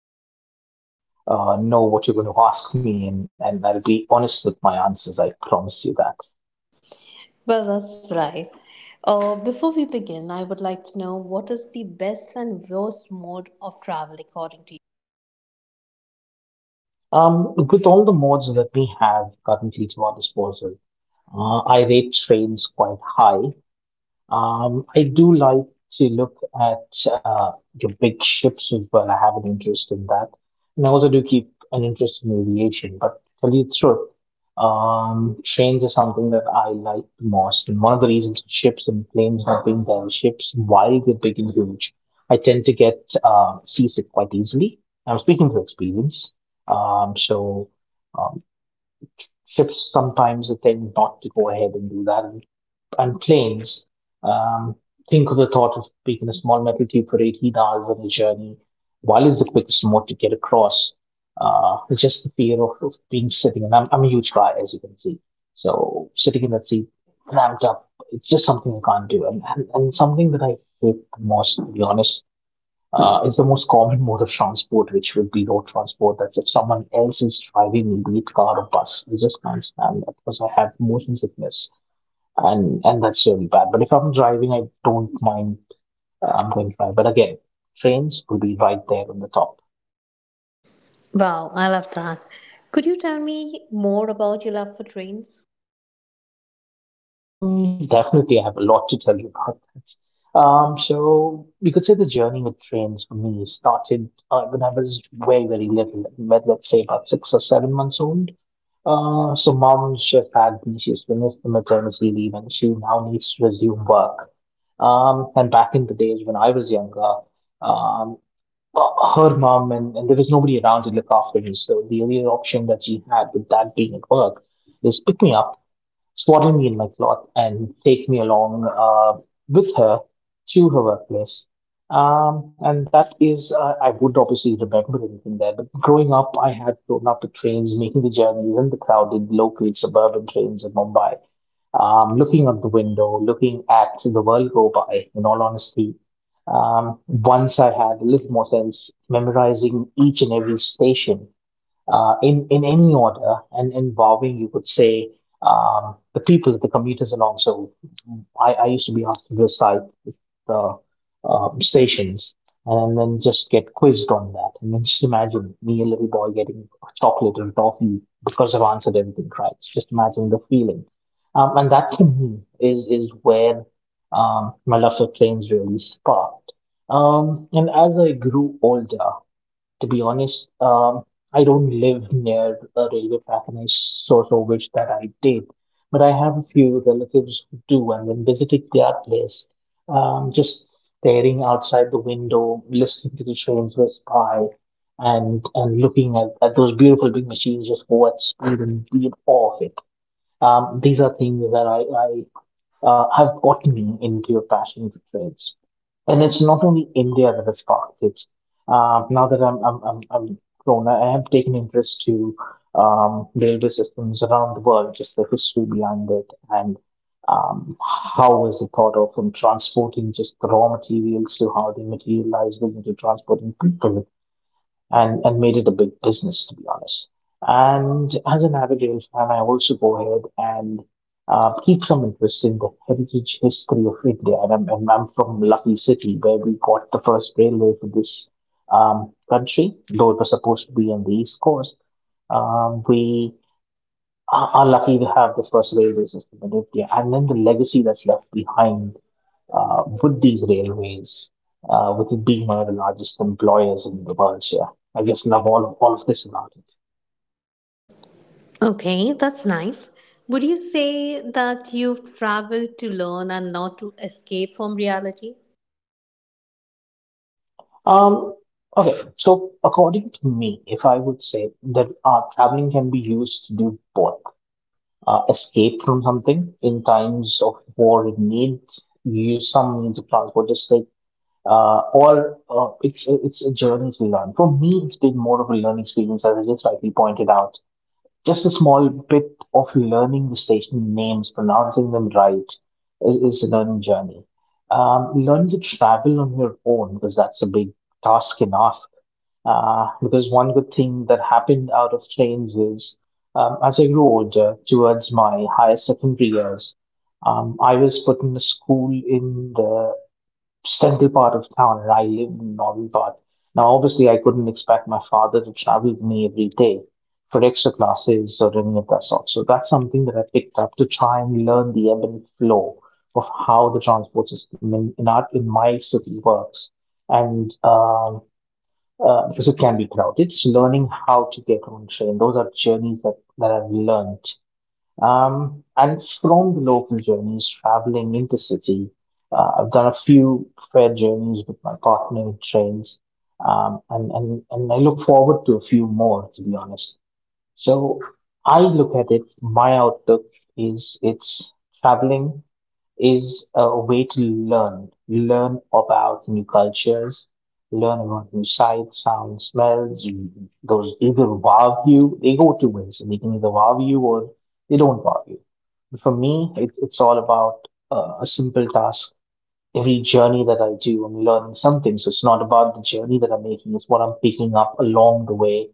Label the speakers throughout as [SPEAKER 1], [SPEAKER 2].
[SPEAKER 1] excited to know what you're going to ask me, and I'll be honest with my answers. I promise you that.
[SPEAKER 2] Well, that's right. Before we begin, I would like to know what is the best and worst mode of travel according to you?
[SPEAKER 1] With all the modes that we have currently to our disposal, I rate trains quite high. I do like to look at your big ships as well. I have an interest in that. And I also do keep an interest in aviation. But to tell you the truth, trains are something that I like the most. And one of the reasons ships and planes not being there, ships, while they're big and huge, I tend to get seasick quite easily. I'm speaking from experience. Um, so um, ships sometimes they tend not to go ahead and do that, and planes. Um, think of the thought of taking a small metal tube for 18 hours on a journey. While is the quickest mode to get across? It's just the fear of being sitting, and I'm a huge guy, as you can see. So sitting in that seat, cramped up, it's just something I can't do. And something that I hate the most, to be honest, is the most common mode of transport, which would be road transport. That's if someone else is driving me, be it car or bus. I just can't stand that because I have motion sickness, and that's really bad. But if I'm driving, I don't mind. I'm going to drive, but again, trains will be right there on the top.
[SPEAKER 2] Wow, I love that. Could you tell me more about your love for trains?
[SPEAKER 1] Hmm, definitely, I have a lot to tell you about that. So you could say the journey with trains for me started when I was very very little, let's say about 6 or 7 months old. So mom just had me. She's finished the maternity leave, and she now needs to resume work. And back in the days when I was younger, Um, uh, her mom, and there was nobody around to look after me. So the only option that she had with that being at work is pick me up, swaddle me in my cloth, and take me along with her to her workplace. And that is, I would obviously remember anything there, but growing up, I had grown up with trains, making the journeys in the crowded local suburban trains in Mumbai, looking out the window, looking at the world go by, in all honesty. Once I had a little more sense, memorizing each and every station in any order, and involving, you could say, the people, the commuters, and also I used to be asked to recite the stations, and then just get quizzed on that. And then just imagine me, a little boy, getting chocolate and toffee because I've answered everything right. Just imagine the feeling. And that to me is where my love for trains really sparked. And as I grew older, to be honest, I don't live near a railway track, and I so so wish that I did. But I have a few relatives who do, and when visiting their place, just staring outside the window, listening to the trains pass by, and looking at those beautiful big machines just go at speed and be in awe of it. These are things that I have gotten me into a passion for trades. And it's not only India that has sparked it. Now that I'm grown, I have taken interest to railway systems around the world, just the history behind it, and um, how was it thought of, from transporting just the raw materials to how they materialize them into transporting people, and made it a big business, to be honest. And as a Navajos fan, I also go ahead and keep some interest in the heritage history of India. And I'm from Lucky City, where we got the first railway for this country, though it was supposed to be on the East Coast. We are lucky to have the first railway system in India, and then the legacy that's left behind, with these railways, with it being one of the largest employers in the world. So, yeah, I just love all of this about it.
[SPEAKER 2] Okay, that's nice. Would you say that you've traveled to learn and not to escape from reality?
[SPEAKER 1] Um, okay, so according to me, if I would say that traveling can be used to do both. Escape from something in times of war, it needs you use some means of transport, just like, or it's a journey to learn. For me, it's been more of a learning experience, as I just rightly pointed out. Just a small bit of learning the station names, pronouncing them right, is a learning journey. Learn to travel on your own, because that's a big task enough. Because one good thing that happened out of trains is, as I grew older towards my higher secondary years, I was put in a school in the central part of town, and I lived in Novel Park. Now, obviously, I couldn't expect my father to travel with me every day for extra classes or any of that sort. So that's something that I picked up to try and learn the ebb and flow of how the transport system in my city works. And because it can be crowded, it's learning how to get on train. Those are journeys that I've learned, and from the local journeys, traveling intercity, I've done a few fair journeys with my partner in trains, and I look forward to a few more, to be honest. So I look at it, my outlook is, it's, traveling is a way to learn. You learn about new cultures, learn about new sights, sounds, smells. Mhm. Those either wow you, they go two ways. They can either wow you or they don't wow you. For me, it's all about a simple task. Every journey that I do, I'm learning something. So it's not about the journey that I'm making, it's what I'm picking up along the way.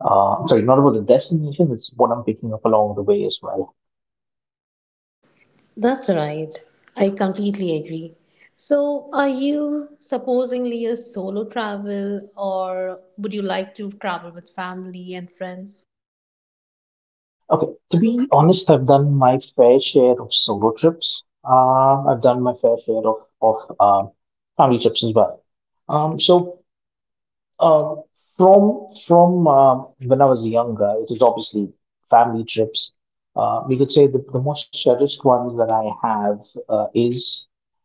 [SPEAKER 1] Sorry, not about the destination, it's what I'm picking up along the way as well.
[SPEAKER 2] That's right. I completely agree. So, are you supposingly a solo travel, or would you like to travel with family and friends?
[SPEAKER 1] Okay, to be honest, I've done my fair share of solo trips. I've done my fair share of family trips as well. So um from when I was younger, it was obviously family trips. We could say that the most cherished ones that I have is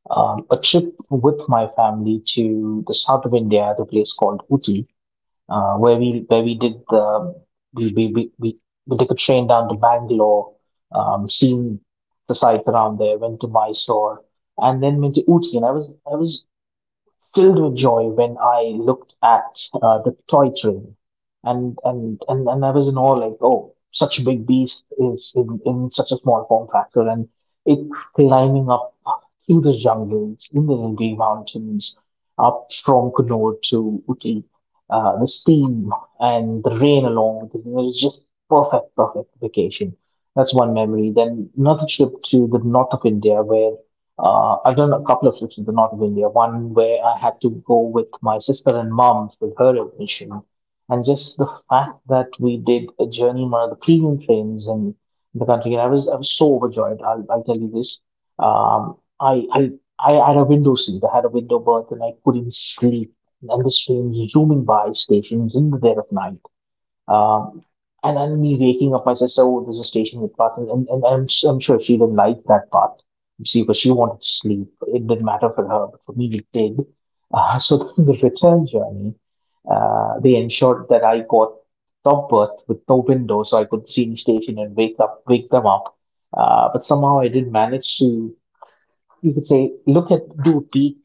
[SPEAKER 1] a trip with my family to the south of India, at a place called Uti, where we did, the we we we, we we took a train down to Bangalore, seen the sights around there, went to Mysore, and then went to Ooty. And I was filled with joy when I looked at the toy train, and I was in awe, like, oh, such a big beast is in such a small form factor, and it climbing up through the jungles in the Nilgiri mountains, up from Kunur to Uti, the steam and the rain along with it, it was just perfect, perfect vacation. That's one memory. Then another trip to the north of India, where I've done a couple of trips in the north of India. One where I had to go with my sister and mom with her admission, and just the fact that we did a journey in one of the premium trains in the country, and I was so overjoyed. I'll tell you this. Um, I I I had a window seat. I had a window berth, and I couldn't sleep. And this train was zooming by stations in the dead of night. Um, and then me waking up, my sister, "Oh, there's a station with path," and I'm sure she didn't like that part. See, because she wanted to sleep. It didn't matter for her, but for me, it did. So the return journey, they ensured that I got top berth with no window, so I could see the station and wake up, wake them up. But somehow I did manage to, you could say, look at, do a peek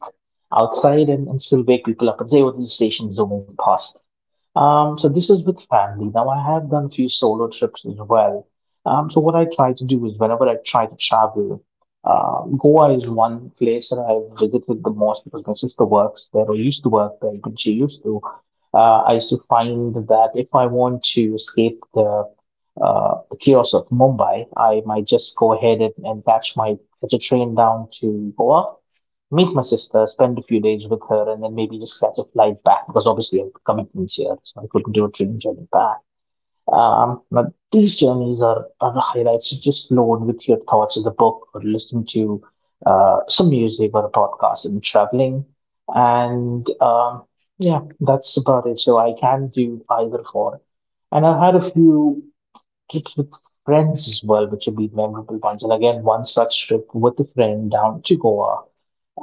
[SPEAKER 1] outside, and still wake people up and say, "Oh, this station is zooming past." So this is with family. Now I have done a few solo trips as well. So what I try to do is whenever I try to travel, Goa is one place that I've visited the most because my sister works there or used to work there when she used to. I used to find that if I want to escape the chaos of Mumbai, I might just go ahead and, catch a train down to Goa, meet my sister, spend a few days with her, and then maybe just catch a flight back because obviously I have commitments here, so I couldn't do a train journey back. But these journeys are the highlights. You just load with your thoughts in the book or listen to some music or a podcast and traveling. And yeah, that's about it. So I can do either for. And I've had a few trips with friends as well, which have been memorable ones. And again, one such trip with a friend down to Goa,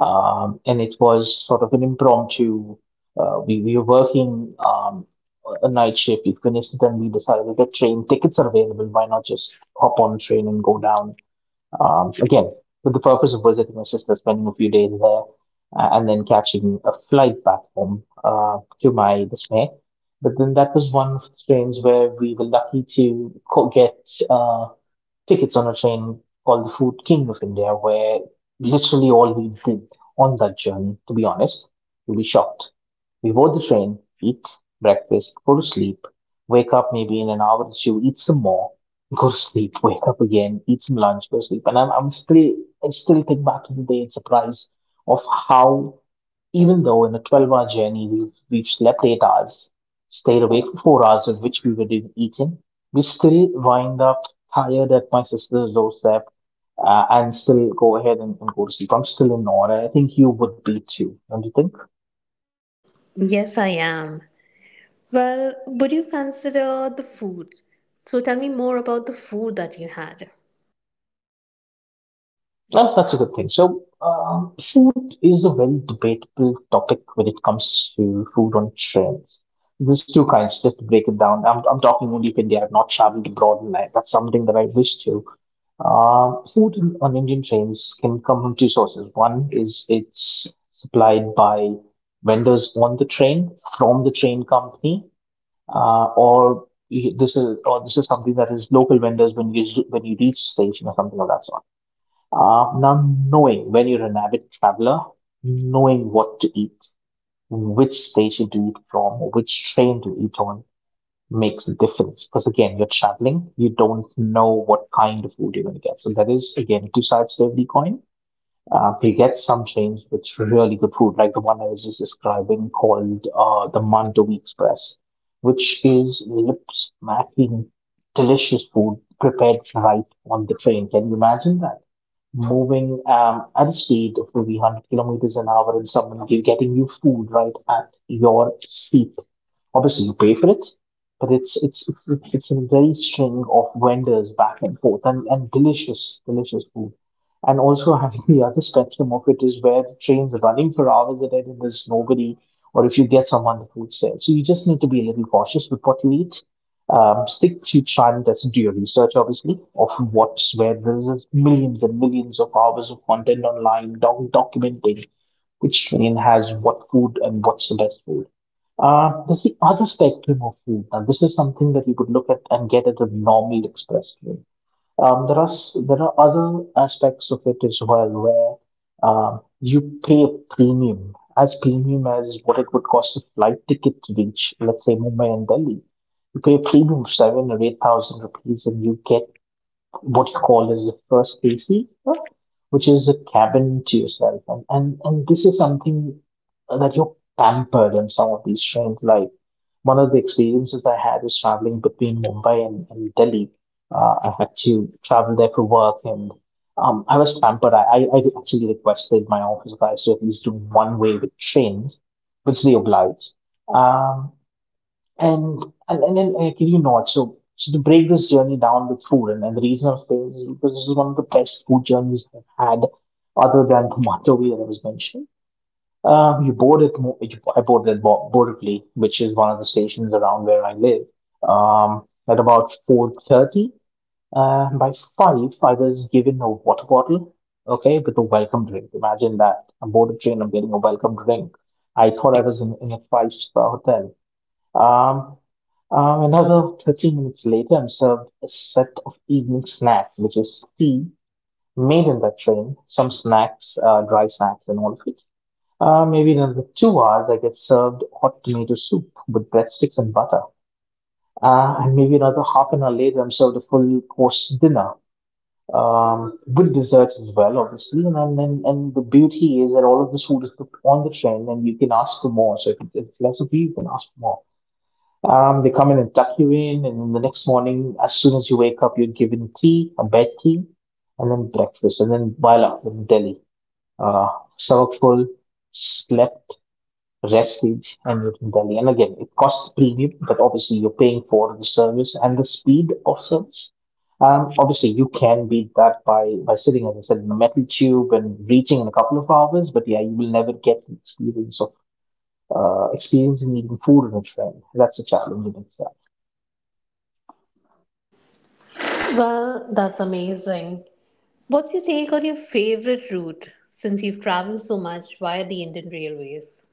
[SPEAKER 1] and it was sort of an impromptu. We were working a night shift. We finished it, and we decided that train tickets are available. Why not just hop on a train and go down? Again, with the purpose of visiting my sister, spending a few days there, and then catching a flight back home. To my dismay, but then that was one of the trains where we were lucky to get uh, tickets on a train called the Food King of India, where literally all we did on that journey, to be honest, you'll be shocked. We board the train, eat breakfast, go to sleep, wake up maybe in an hour or two, eat some more, go to sleep, wake up again, eat some lunch, go to sleep. And I still think back to the day and surprised of how, even though in a 12-hour journey, we've slept 8 hours, stayed awake for 4 hours, in which we were doing eating, we still wind up tired at my sister's doorstep and still go ahead and go to sleep. I'm still in awe. I think you would be too, don't you think?
[SPEAKER 2] Yes, I am. Well, would you consider the food? So, tell me more about the food that you had.
[SPEAKER 1] Oh, that's a good thing. So, food is a very debatable topic when it comes to food on trains. There's two kinds, just to break it down. I'm talking only of India. I've not traveled abroad, and I, that's something that I wish to. Food on Indian trains can come from two sources. One is it's supplied by vendors on the train from the train company, this is something that is local vendors when you reach station or something of that sort. Now, knowing when you're an avid traveler, knowing what to eat, which station to eat from, which train to eat on makes a difference. Because again, you're traveling, you don't know what kind of food you're going to get. So that is, again, two sides to every coin. They get some chains with really good food, like the one I was just describing called the Mandovi Express, which is lip-smacking delicious food prepared right on the train. Can you imagine that? Moving at a speed of maybe 100 kilometers an hour and someone getting you food right at your seat. Obviously, you pay for it, but it's a very string of vendors back and forth and delicious, delicious food. And also having the other spectrum of it is where the train's running for hours at it and there's nobody, or if you get someone, the food's there. So you just need to be a little cautious with what you eat. Stick to try and listen to your research, obviously, of what's where. There's just millions and millions of hours of content online documenting which train has what food and what's the best food. There's the other spectrum of food. Now, this is something that you could look at and get at a normal express train. There are other aspects of it as well where you pay a premium as what it would cost a flight ticket to reach, let's say Mumbai and Delhi. You pay a premium of 7 or 8,000 rupees, and you get what you call as the first AC, which is a cabin to yourself. And this is something that you're pampered in some of these trains. Like one of the experiences I had was traveling between Mumbai and, Delhi. I had to travel there for work and I was pampered. I actually requested my office guys to at least do one way with trains, which they obliged. Um, and and then actually not. So to break this journey down with food, and the reason I'm saying this is because this is one of the best food journeys I've had, other than the Matavi that I was mentioning. You board at Mo- you, I boarded at Boracay, which is one of the stations around where I live. Um, at about 4:30, by five, I was given a water bottle, okay, with a welcome drink. Imagine that I'm board a train, I'm getting a welcome drink. I thought I was in a five-star hotel. Um, Another 30 minutes later, I'm served a set of evening snacks, which is tea made in the train, some snacks, dry snacks, and all of it. Maybe in another 2 hours, I get served hot tomato soup with breadsticks and butter. And maybe another half an hour later, I'm served a full course dinner with desserts as well, obviously. And the beauty is that all of this food is cooked on the train, and you can ask for more. So if it's less of you, you can ask for more. They come in and tuck you in, and then the next morning, as soon as you wake up, you're given tea, a bed tea, and then breakfast, and then while up in Delhi. Uh, Stomach full, slept, rested, and you're in Delhi. And again, it costs a premium, but obviously you're paying for the service and the speed of service. Obviously, you can beat that by sitting, as I said, in a metal tube and reaching in a couple of hours. But yeah, you will never get the experience of experiencing eating food in a train. That's a challenge in itself.
[SPEAKER 2] Well, that's amazing. What's your take on your favorite route since you've traveled so much via the Indian Railways?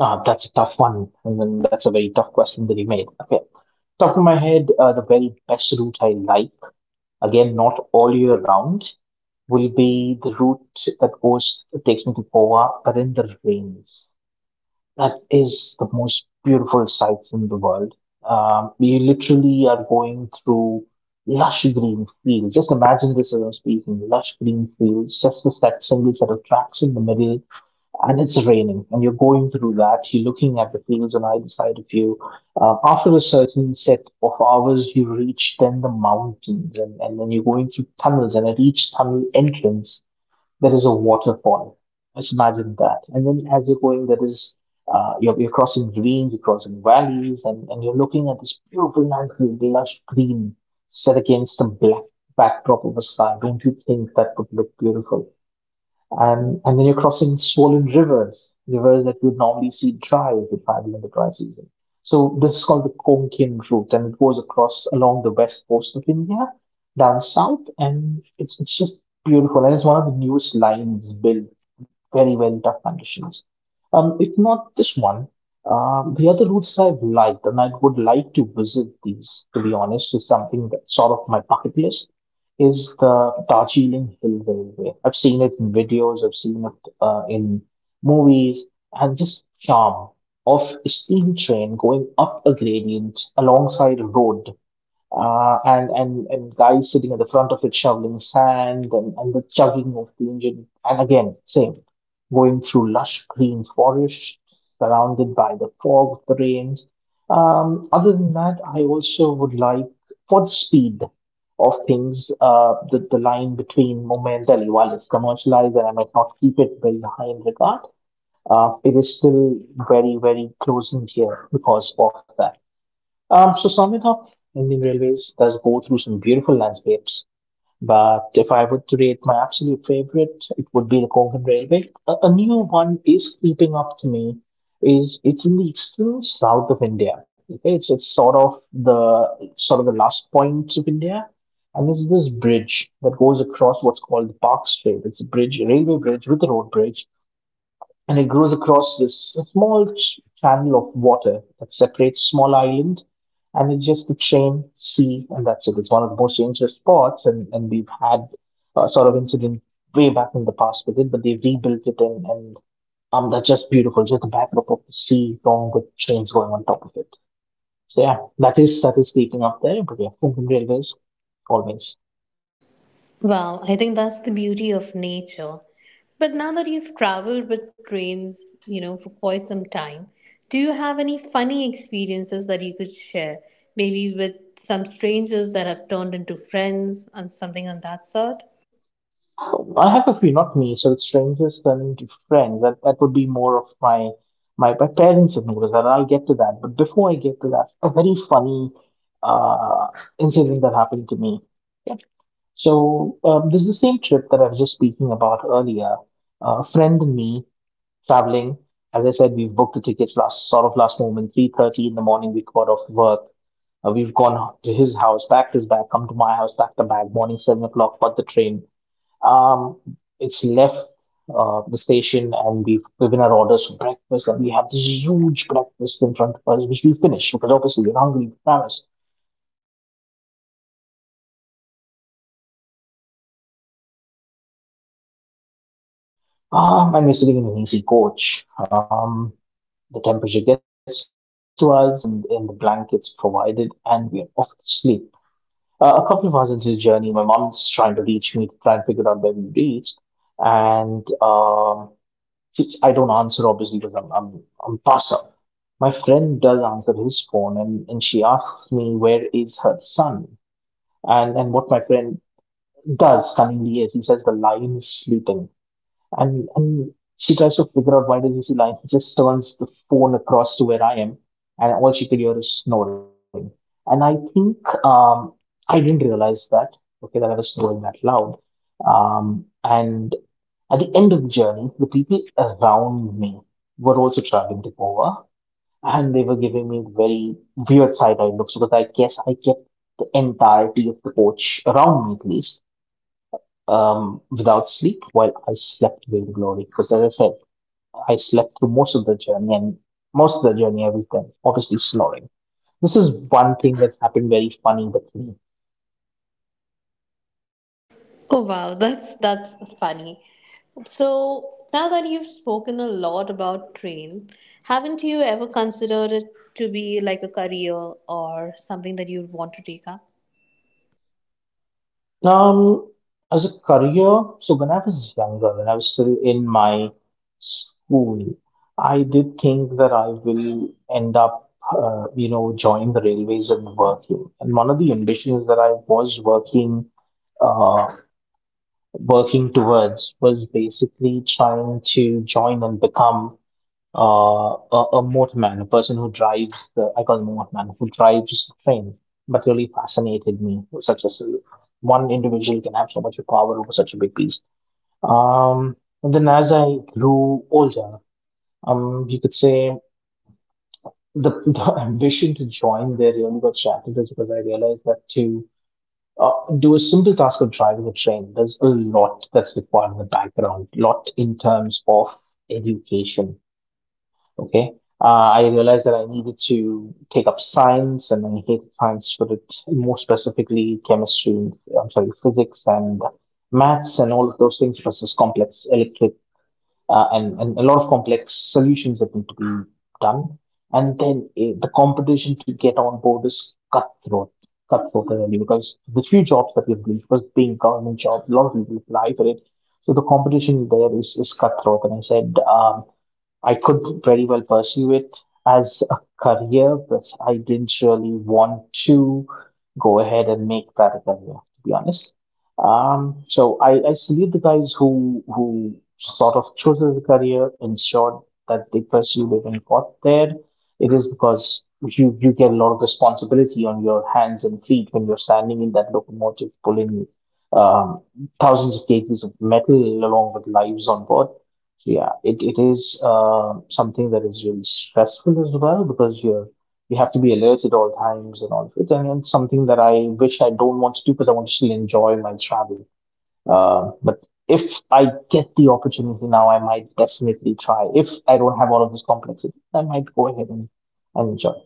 [SPEAKER 1] Ah, that's a tough one. And then that's a very tough question that you made. Okay. Top of my head, the very best route I like, again, not all year round, will be the route that goes, takes me to Goa, but in the rains. That is the most beautiful sights in the world. You literally are going through lush green fields. Just imagine this as I'm speaking, lush green fields, just this, that single set of tracks in the middle, and it's raining and you're going through that, you're looking at the fields on either side of you. After a certain set of hours you reach then the mountains, and then you're going through tunnels, and at each tunnel entrance there is a waterfall. Just imagine that. And then as you're going there is you're crossing ravines, you're crossing valleys, and you're looking at this beautiful landscape, lush green set against a black backdrop of a sky. Don't you think that would look beautiful? And then you're crossing swollen rivers, rivers that you would normally see dry if you travel in the dry season. So this is called the Konkan route, and it goes across along the west coast of India, down south, and it's just beautiful. And it's one of the newest lines built very well, tough conditions. If not this one, the other routes I've liked, and I would like to visit these, to be honest, is something that's sort of my bucket list is the Darjeeling Hill Railway. I've seen it in videos, I've seen it in movies, and this charm of a steam train going up a gradient alongside a road, and guys sitting at the front of it shoveling sand, and the chugging of the engine, and again same, going through lush green forests surrounded by the fog of the rains. Other than that, I also would like, for the speed of things, the line between momentarily while it's commercialized, and I might not keep it very high in regard, it is still very, very close in here because of that. So summing up, Indian Railways does go through some beautiful landscapes. But if I were to rate my absolute favorite, it would be the Konkan Railway. A new one is creeping up to me. Is it's in the extreme south of India. Okay, it's sort of the last point of India, and there's this bridge that goes across what's called the Park Strait. It's a bridge, a railway bridge with a road bridge, and it grows across this small channel of water that separates small island, and it's just the train sea and that's it. It's one of the most dangerous spots, and we've had a sort of incident way back in the past with it, but they rebuilt it and that's just beautiful, just the backdrop of the sea along with trains going on top of it. So yeah, that is, that is speaking up there, but yeah, Konkan railways always.
[SPEAKER 2] Wow, I think that's the beauty of nature. But now that you've traveled with trains, you know, for quite some time, do you have any funny experiences that you could share? Maybe with some strangers that have turned into friends and something on that sort?
[SPEAKER 1] I have a few, not me. So it's strangers turning to friends. That would be more of my parents have noticed that. And I'll get to that. But before I get to that, a very funny uh, incident that happened to me. So this is the same trip that I was just speaking about earlier. A friend and me traveling. As I said, we've booked the tickets last sort of last moment, 3:30 in the morning. We got off work. We've gone to his house, packed his bag, come to my house, packed the bag. Morning 7 o'clock, got the train. um, it's left the station and we've given our orders for breakfast, and we have this huge breakfast in front of us which we finish because obviously we're hungry, we're famished. And we're sitting in an easy coach. The temperature gets to us. We go ahead and um, we go ahead and drape ourselves in the blankets provided, and we're off to sleep. A couple of hours into the journey, my mom's trying to reach me to try and figure out where we reached, and I don't answer obviously because I'm passed out. My friend does answer his phone, and she asks me where is her son, and what my friend does cunningly is he says the lion is sleeping. And she tries to figure out why does he see light. He just turns the phone across to where I am, and all she could hear is snoring. And I think um, I didn't realize that, okay, that I was snoring that loud. And at the end of the journey, the people around me were also traveling to Goa, and they were giving me very weird side eye looks, because I guess I kept the entirety of the coach around me at least without sleep while I slept with glory. Because as I said, I slept through most of the journey, and most of the journey I was then obviously snoring. This is one thing that's happened very funny with me.
[SPEAKER 2] Oh wow, that's funny. So now that you've spoken a lot about train, haven't you ever considered it to be like a career or something that you'd want to take up?
[SPEAKER 1] Um, as a career, so when I was younger, when I was still in my school, I did think that I will end up, you know, joining the railways and working. And one of the ambitions that I was working uh, working towards was basically trying to join and become uh, a motorman, a person who drives the, I call him a motorman, who drives the train, but really fascinated me. Such as one individual can have so much power over such a big piece. Um, and then as I grew older, you could say the ambition to join there really got shattered is because I realized that too uh, do a simple task of driving a train. There's a lot that's required in the background, lot in terms of education. Okay. Uh, I realized that I needed to take up science and I hated science for it, more specifically chemistry, I'm sorry, physics and maths and all of those things versus complex electric and a lot of complex solutions that need to be done. And then the competition to get on board is cutthroat, cutthroat really, because the few jobs that we have released was being government jobs, a lot of people apply for it. So the competition there is cutthroat. And I said, I could very well pursue it as a career, but I didn't really want to go ahead and make that a career, to be honest. So I salute the guys who sort of chose it as a career, ensured that they pursued it and got there. It is because you get a lot of responsibility on your hands and feet when you're standing in that locomotive pulling um, thousands of kgs of metal along with lives on board. Yeah, it is something that is really stressful as well because you're you have to be alert at all times and all of it. And it's something that I wish I don't want to do because I want to still enjoy my travel. But if I get the opportunity now, I might definitely try. If I don't have all of this complexity, I might go ahead and enjoy.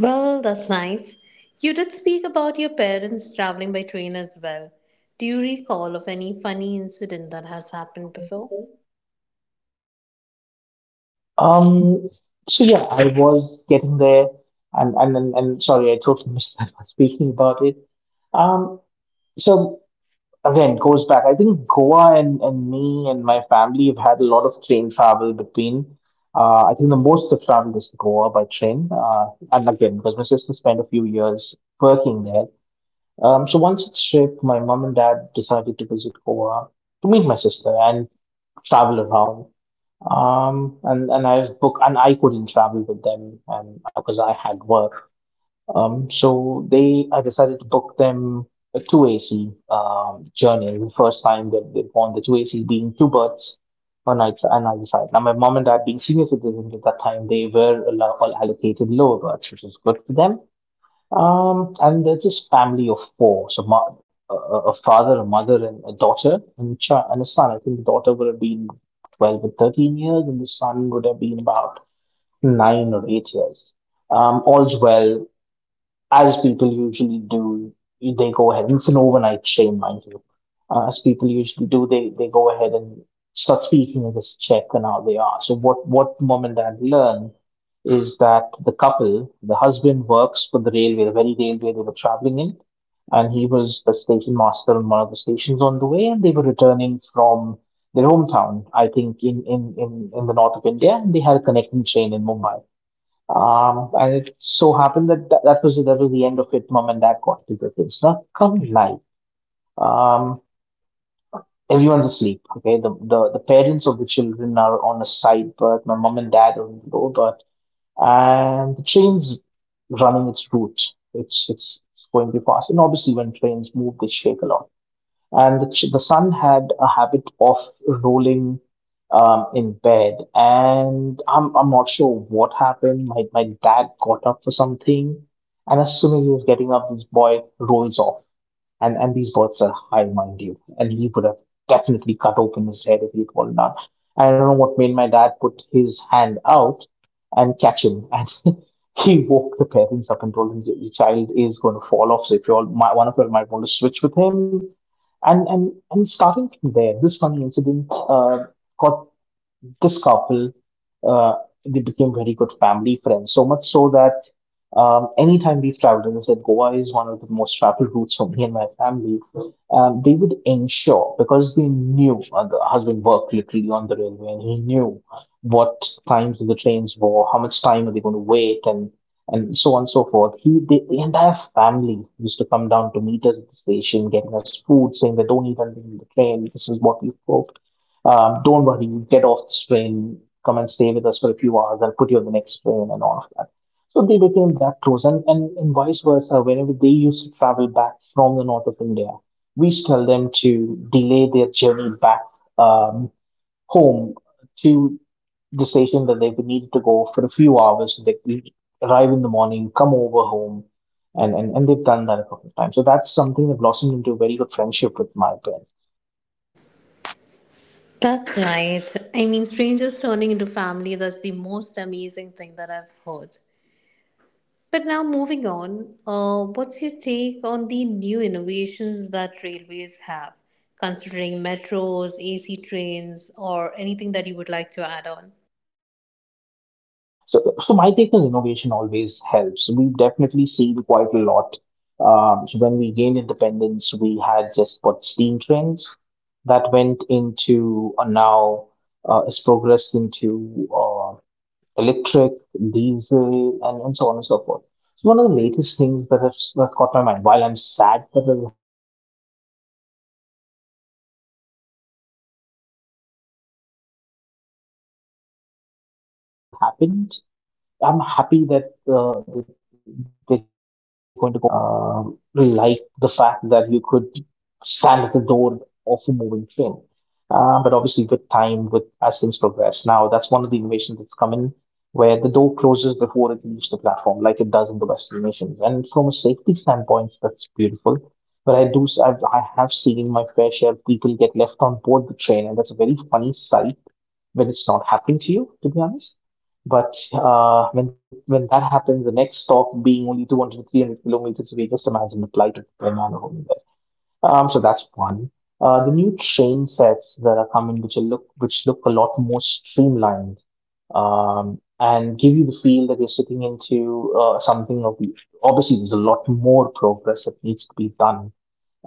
[SPEAKER 2] Well, that's nice. You did speak about your parents traveling by train as well. Do you recall of any funny incident that has happened before?
[SPEAKER 1] Um, so yeah, I was getting there, and sorry, I totally missed that one speaking about it. Um, so again, goes back. I think Goa and me and my family have had a lot of train travel between. I think the most I've traveled is to Goa by train. And again, because my sister spent a few years working there. So once it's shipped, my mom and dad decided to visit Goa to meet my sister and travel around. And I've booked, and I couldn't travel with them because I had work. So they, I decided to book them a two AC journey. It was the first time that they've gone, the two AC being two birds on night and either side. Now my mom and dad being senior citizens at that time, they were all allocated lower berths, which is good for them. And there's this family of four, so ma a a father, a mother, and a daughter, and a child, and a son. I think the daughter would have been 12 or 13 years, and the son would have been about 9 or 8 years. All's well as people usually do, they go ahead. It's an overnight shame, mind you. As people usually do, they go ahead and start speaking of this check and how they are. So what mom and dad learn is that the couple, the husband works for the railway, the very railway they were traveling in, and he was the station master on one of the stations on the way, and they were returning from their hometown, I think in the north of India, and they had a connecting train in Mumbai. And it so happened that that was the end of it. Mom and Dad got little kids. Now come live. Um, Everyone's asleep. Okay, the parents of the children are on a side berth. My mom and dad are on the lower berth, and the train's running its route. It's going to pass, and obviously when trains move, they shake a lot, and the, the sun had a habit of rolling in bed. And I'm not sure what happened. My dad got up for something, and as soon as he was getting up, this boy rolls off. And these birds are high, mind you. And he would have definitely cut open his head if he had fallen down. I don't know what made my dad put his hand out, and catch him. And he woke the parents up and told them your child is going to fall off. So if you all, my, one of you all might want to switch with him, and and starting from there, this funny incident got this couple, uh, they became very good family friends. So much so that anytime we've traveled, and I said Goa is one of the most traveled routes for me and my family, they would ensure because they knew the husband worked literally on the railway and he knew what times the trains were, how much time are they going to wait, and so on and so forth. He the entire family used to come down to meet us at the station, getting us food, saying they don't eat anything in the train. This is what we cook. Don't worry, you get off the train, come and stay with us for a few hours, I'll put you on the next train and all of that. So they became that close, and, and vice versa. Whenever they used to travel back from the north of India, we used to tell them to delay their journey back um, home to the station that they would need to go for a few hours. So they could arrive in the morning, come over home, and, and they've done that a couple of times. So that's something that blossomed into a very good friendship with my parents.
[SPEAKER 2] That's right. I mean, strangers turning into family, that's the most amazing thing that I've heard. But now, moving on, what's your take on the new innovations that railways have, considering metros, AC trains, or anything that you would like to add on?
[SPEAKER 1] So my take is innovation always helps. We've definitely seen quite a lot. So when we gained independence, we had just what steam trains that went into now has progressed into electric, diesel, and so on and so forth. It's one of the latest things that caught my mind. While I'm sad that it happened, I'm happy that, that they're going to go there. So it, our railways were always known for its doors opening. That was the thrill of a journey, and then a lot of Westerners liked the fact that you could stand at the door of a moving train. But obviously, with time, with as things progress, now that's one of the innovations that's come in where the door closes before it leaves the platform, like it does in the Western nations, and from a safety standpoint, that's beautiful. But I do, s- I've, I have seen my fair share of people get left on board the train, and that's a very funny sight when it's not happening to you, to be honest. But when when that happens, the next stop being only 200 to 300 kilometers away, just imagine the plight of the man poor man. So that's one. The new train sets that are coming, which look a lot more streamlined, and give you the feel that you're sitting into something of the. Obviously, there's a lot more progress that needs to be done,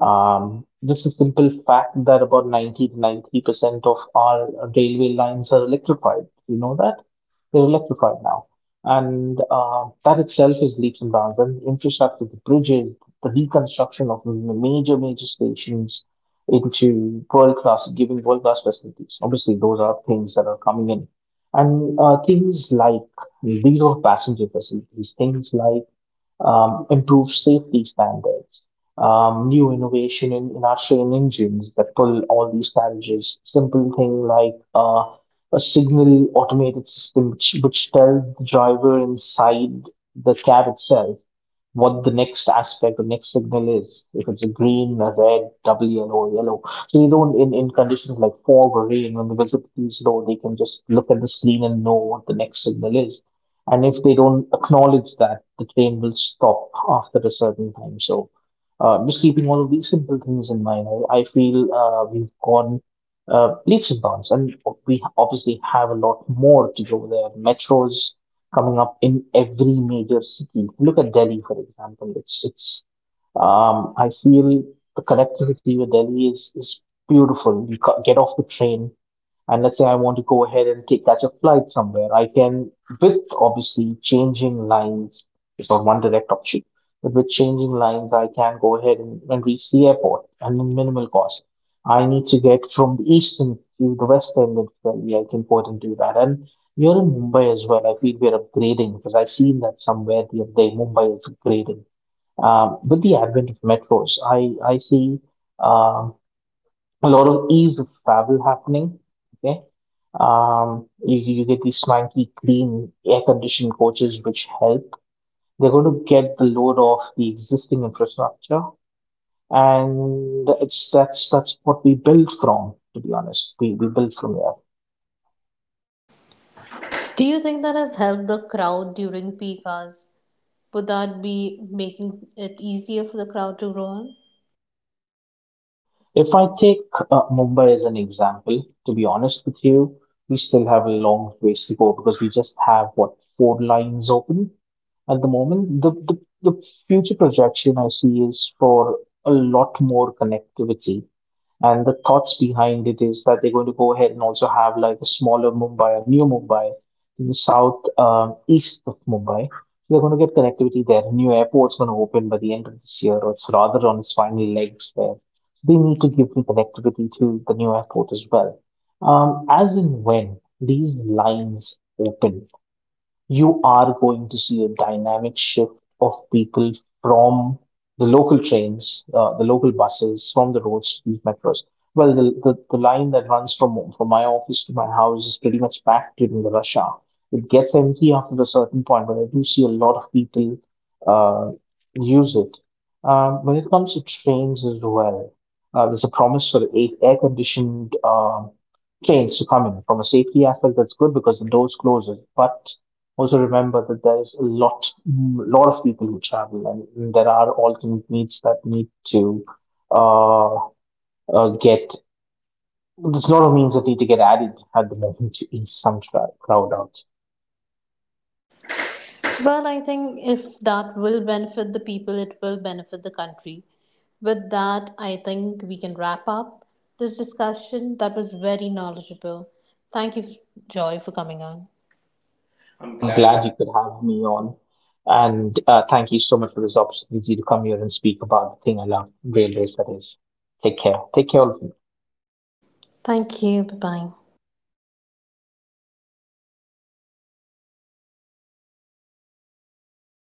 [SPEAKER 1] just a simple fact that about 90 to 93% of our railway lines are electrified. You know that? They're electrified now. And that itself is leaps and bounds. And infrastructure, the bridges, the reconstruction of major, major stations into world class, giving world class facilities. Obviously, those are things that are coming in. And things like these are passenger facilities, things like improved safety standards, new innovation in our train engines that pull all these carriages. Simple thing like a signal automated system which tells the driver inside the cab itself what the next aspect or next signal is. If it's a green, a red, double yellow, yellow. So they don't in conditions like fog or rain when the visibility is low, they can just look at the screen and know what the next signal is, and if they don't acknowledge that, the train will stop after a certain time. So, just keeping all of these simple things in mind, I feel we've gone leaps and bounds, and we obviously have a lot more to go there. Metros coming up in every major city. Look at Delhi, for example. It's I feel the connectivity with Delhi is beautiful. You ca- get off the train and, let's say, I want to go ahead and take catch a flight somewhere, I can, with obviously changing lines, it's not one direct option, but with changing lines, I can go ahead and reach the airport and in minimal cost. I need to get from the east end to the west end of Delhi, I can go ahead and do that. And here in Mumbai as well, I feel we're upgrading because I've seen that somewhere the other day, Mumbai is upgrading. With the advent of metros, I see um a lot of ease of travel happening. Okay. You, get these swanky, clean, air conditioned coaches which help. They're going to get the load off the existing infrastructure. And it's that's what we build from, to be honest. We build from here.
[SPEAKER 2] Do you think that has helped the crowd during peak hours? Would that be making it easier for the crowd to grow on?
[SPEAKER 1] If I take Mumbai as an example, to be honest with you, we still have a long ways to go because we just have what four lines open. At the moment, the future projection I see is for a lot more connectivity. And the thoughts behind it is that they're going to go ahead and also have like a smaller Mumbai, a new Mumbai, to the south east of Mumbai. So they're going to get connectivity there. A new airport's going to open by the end of this year, or it's rather on its final legs there. They need to give me connectivity to the new airport as well. As and when these lines open, you are going to see a dynamic shift of people from the local trains, the local buses, from the roads to these metros. Well, the line that runs from my office to my house is pretty much packed during the rush hour. It gets empty after a certain point, but I do see a lot of people uh, use it. When it comes to trains as well, there's a promise for air conditioned trains to come in. From a safety aspect, that's good because the doors closes, but also remember that there is a lot of people who travel, and there are alternate needs that need to uh, get there's a lot of means that need to get added at the moment to ease some crowd out.
[SPEAKER 2] Well, I think if that will benefit the people, it will benefit the country. With that, I think we can wrap up this discussion. That was very knowledgeable. Thank you, Joy, for coming on. I'm
[SPEAKER 1] I'm
[SPEAKER 2] glad.
[SPEAKER 1] glad you could have me on, and thank you so much for this opportunity to come here and speak about the thing I love, railways. That is, take care, all of you.
[SPEAKER 2] Thank you. Bye bye.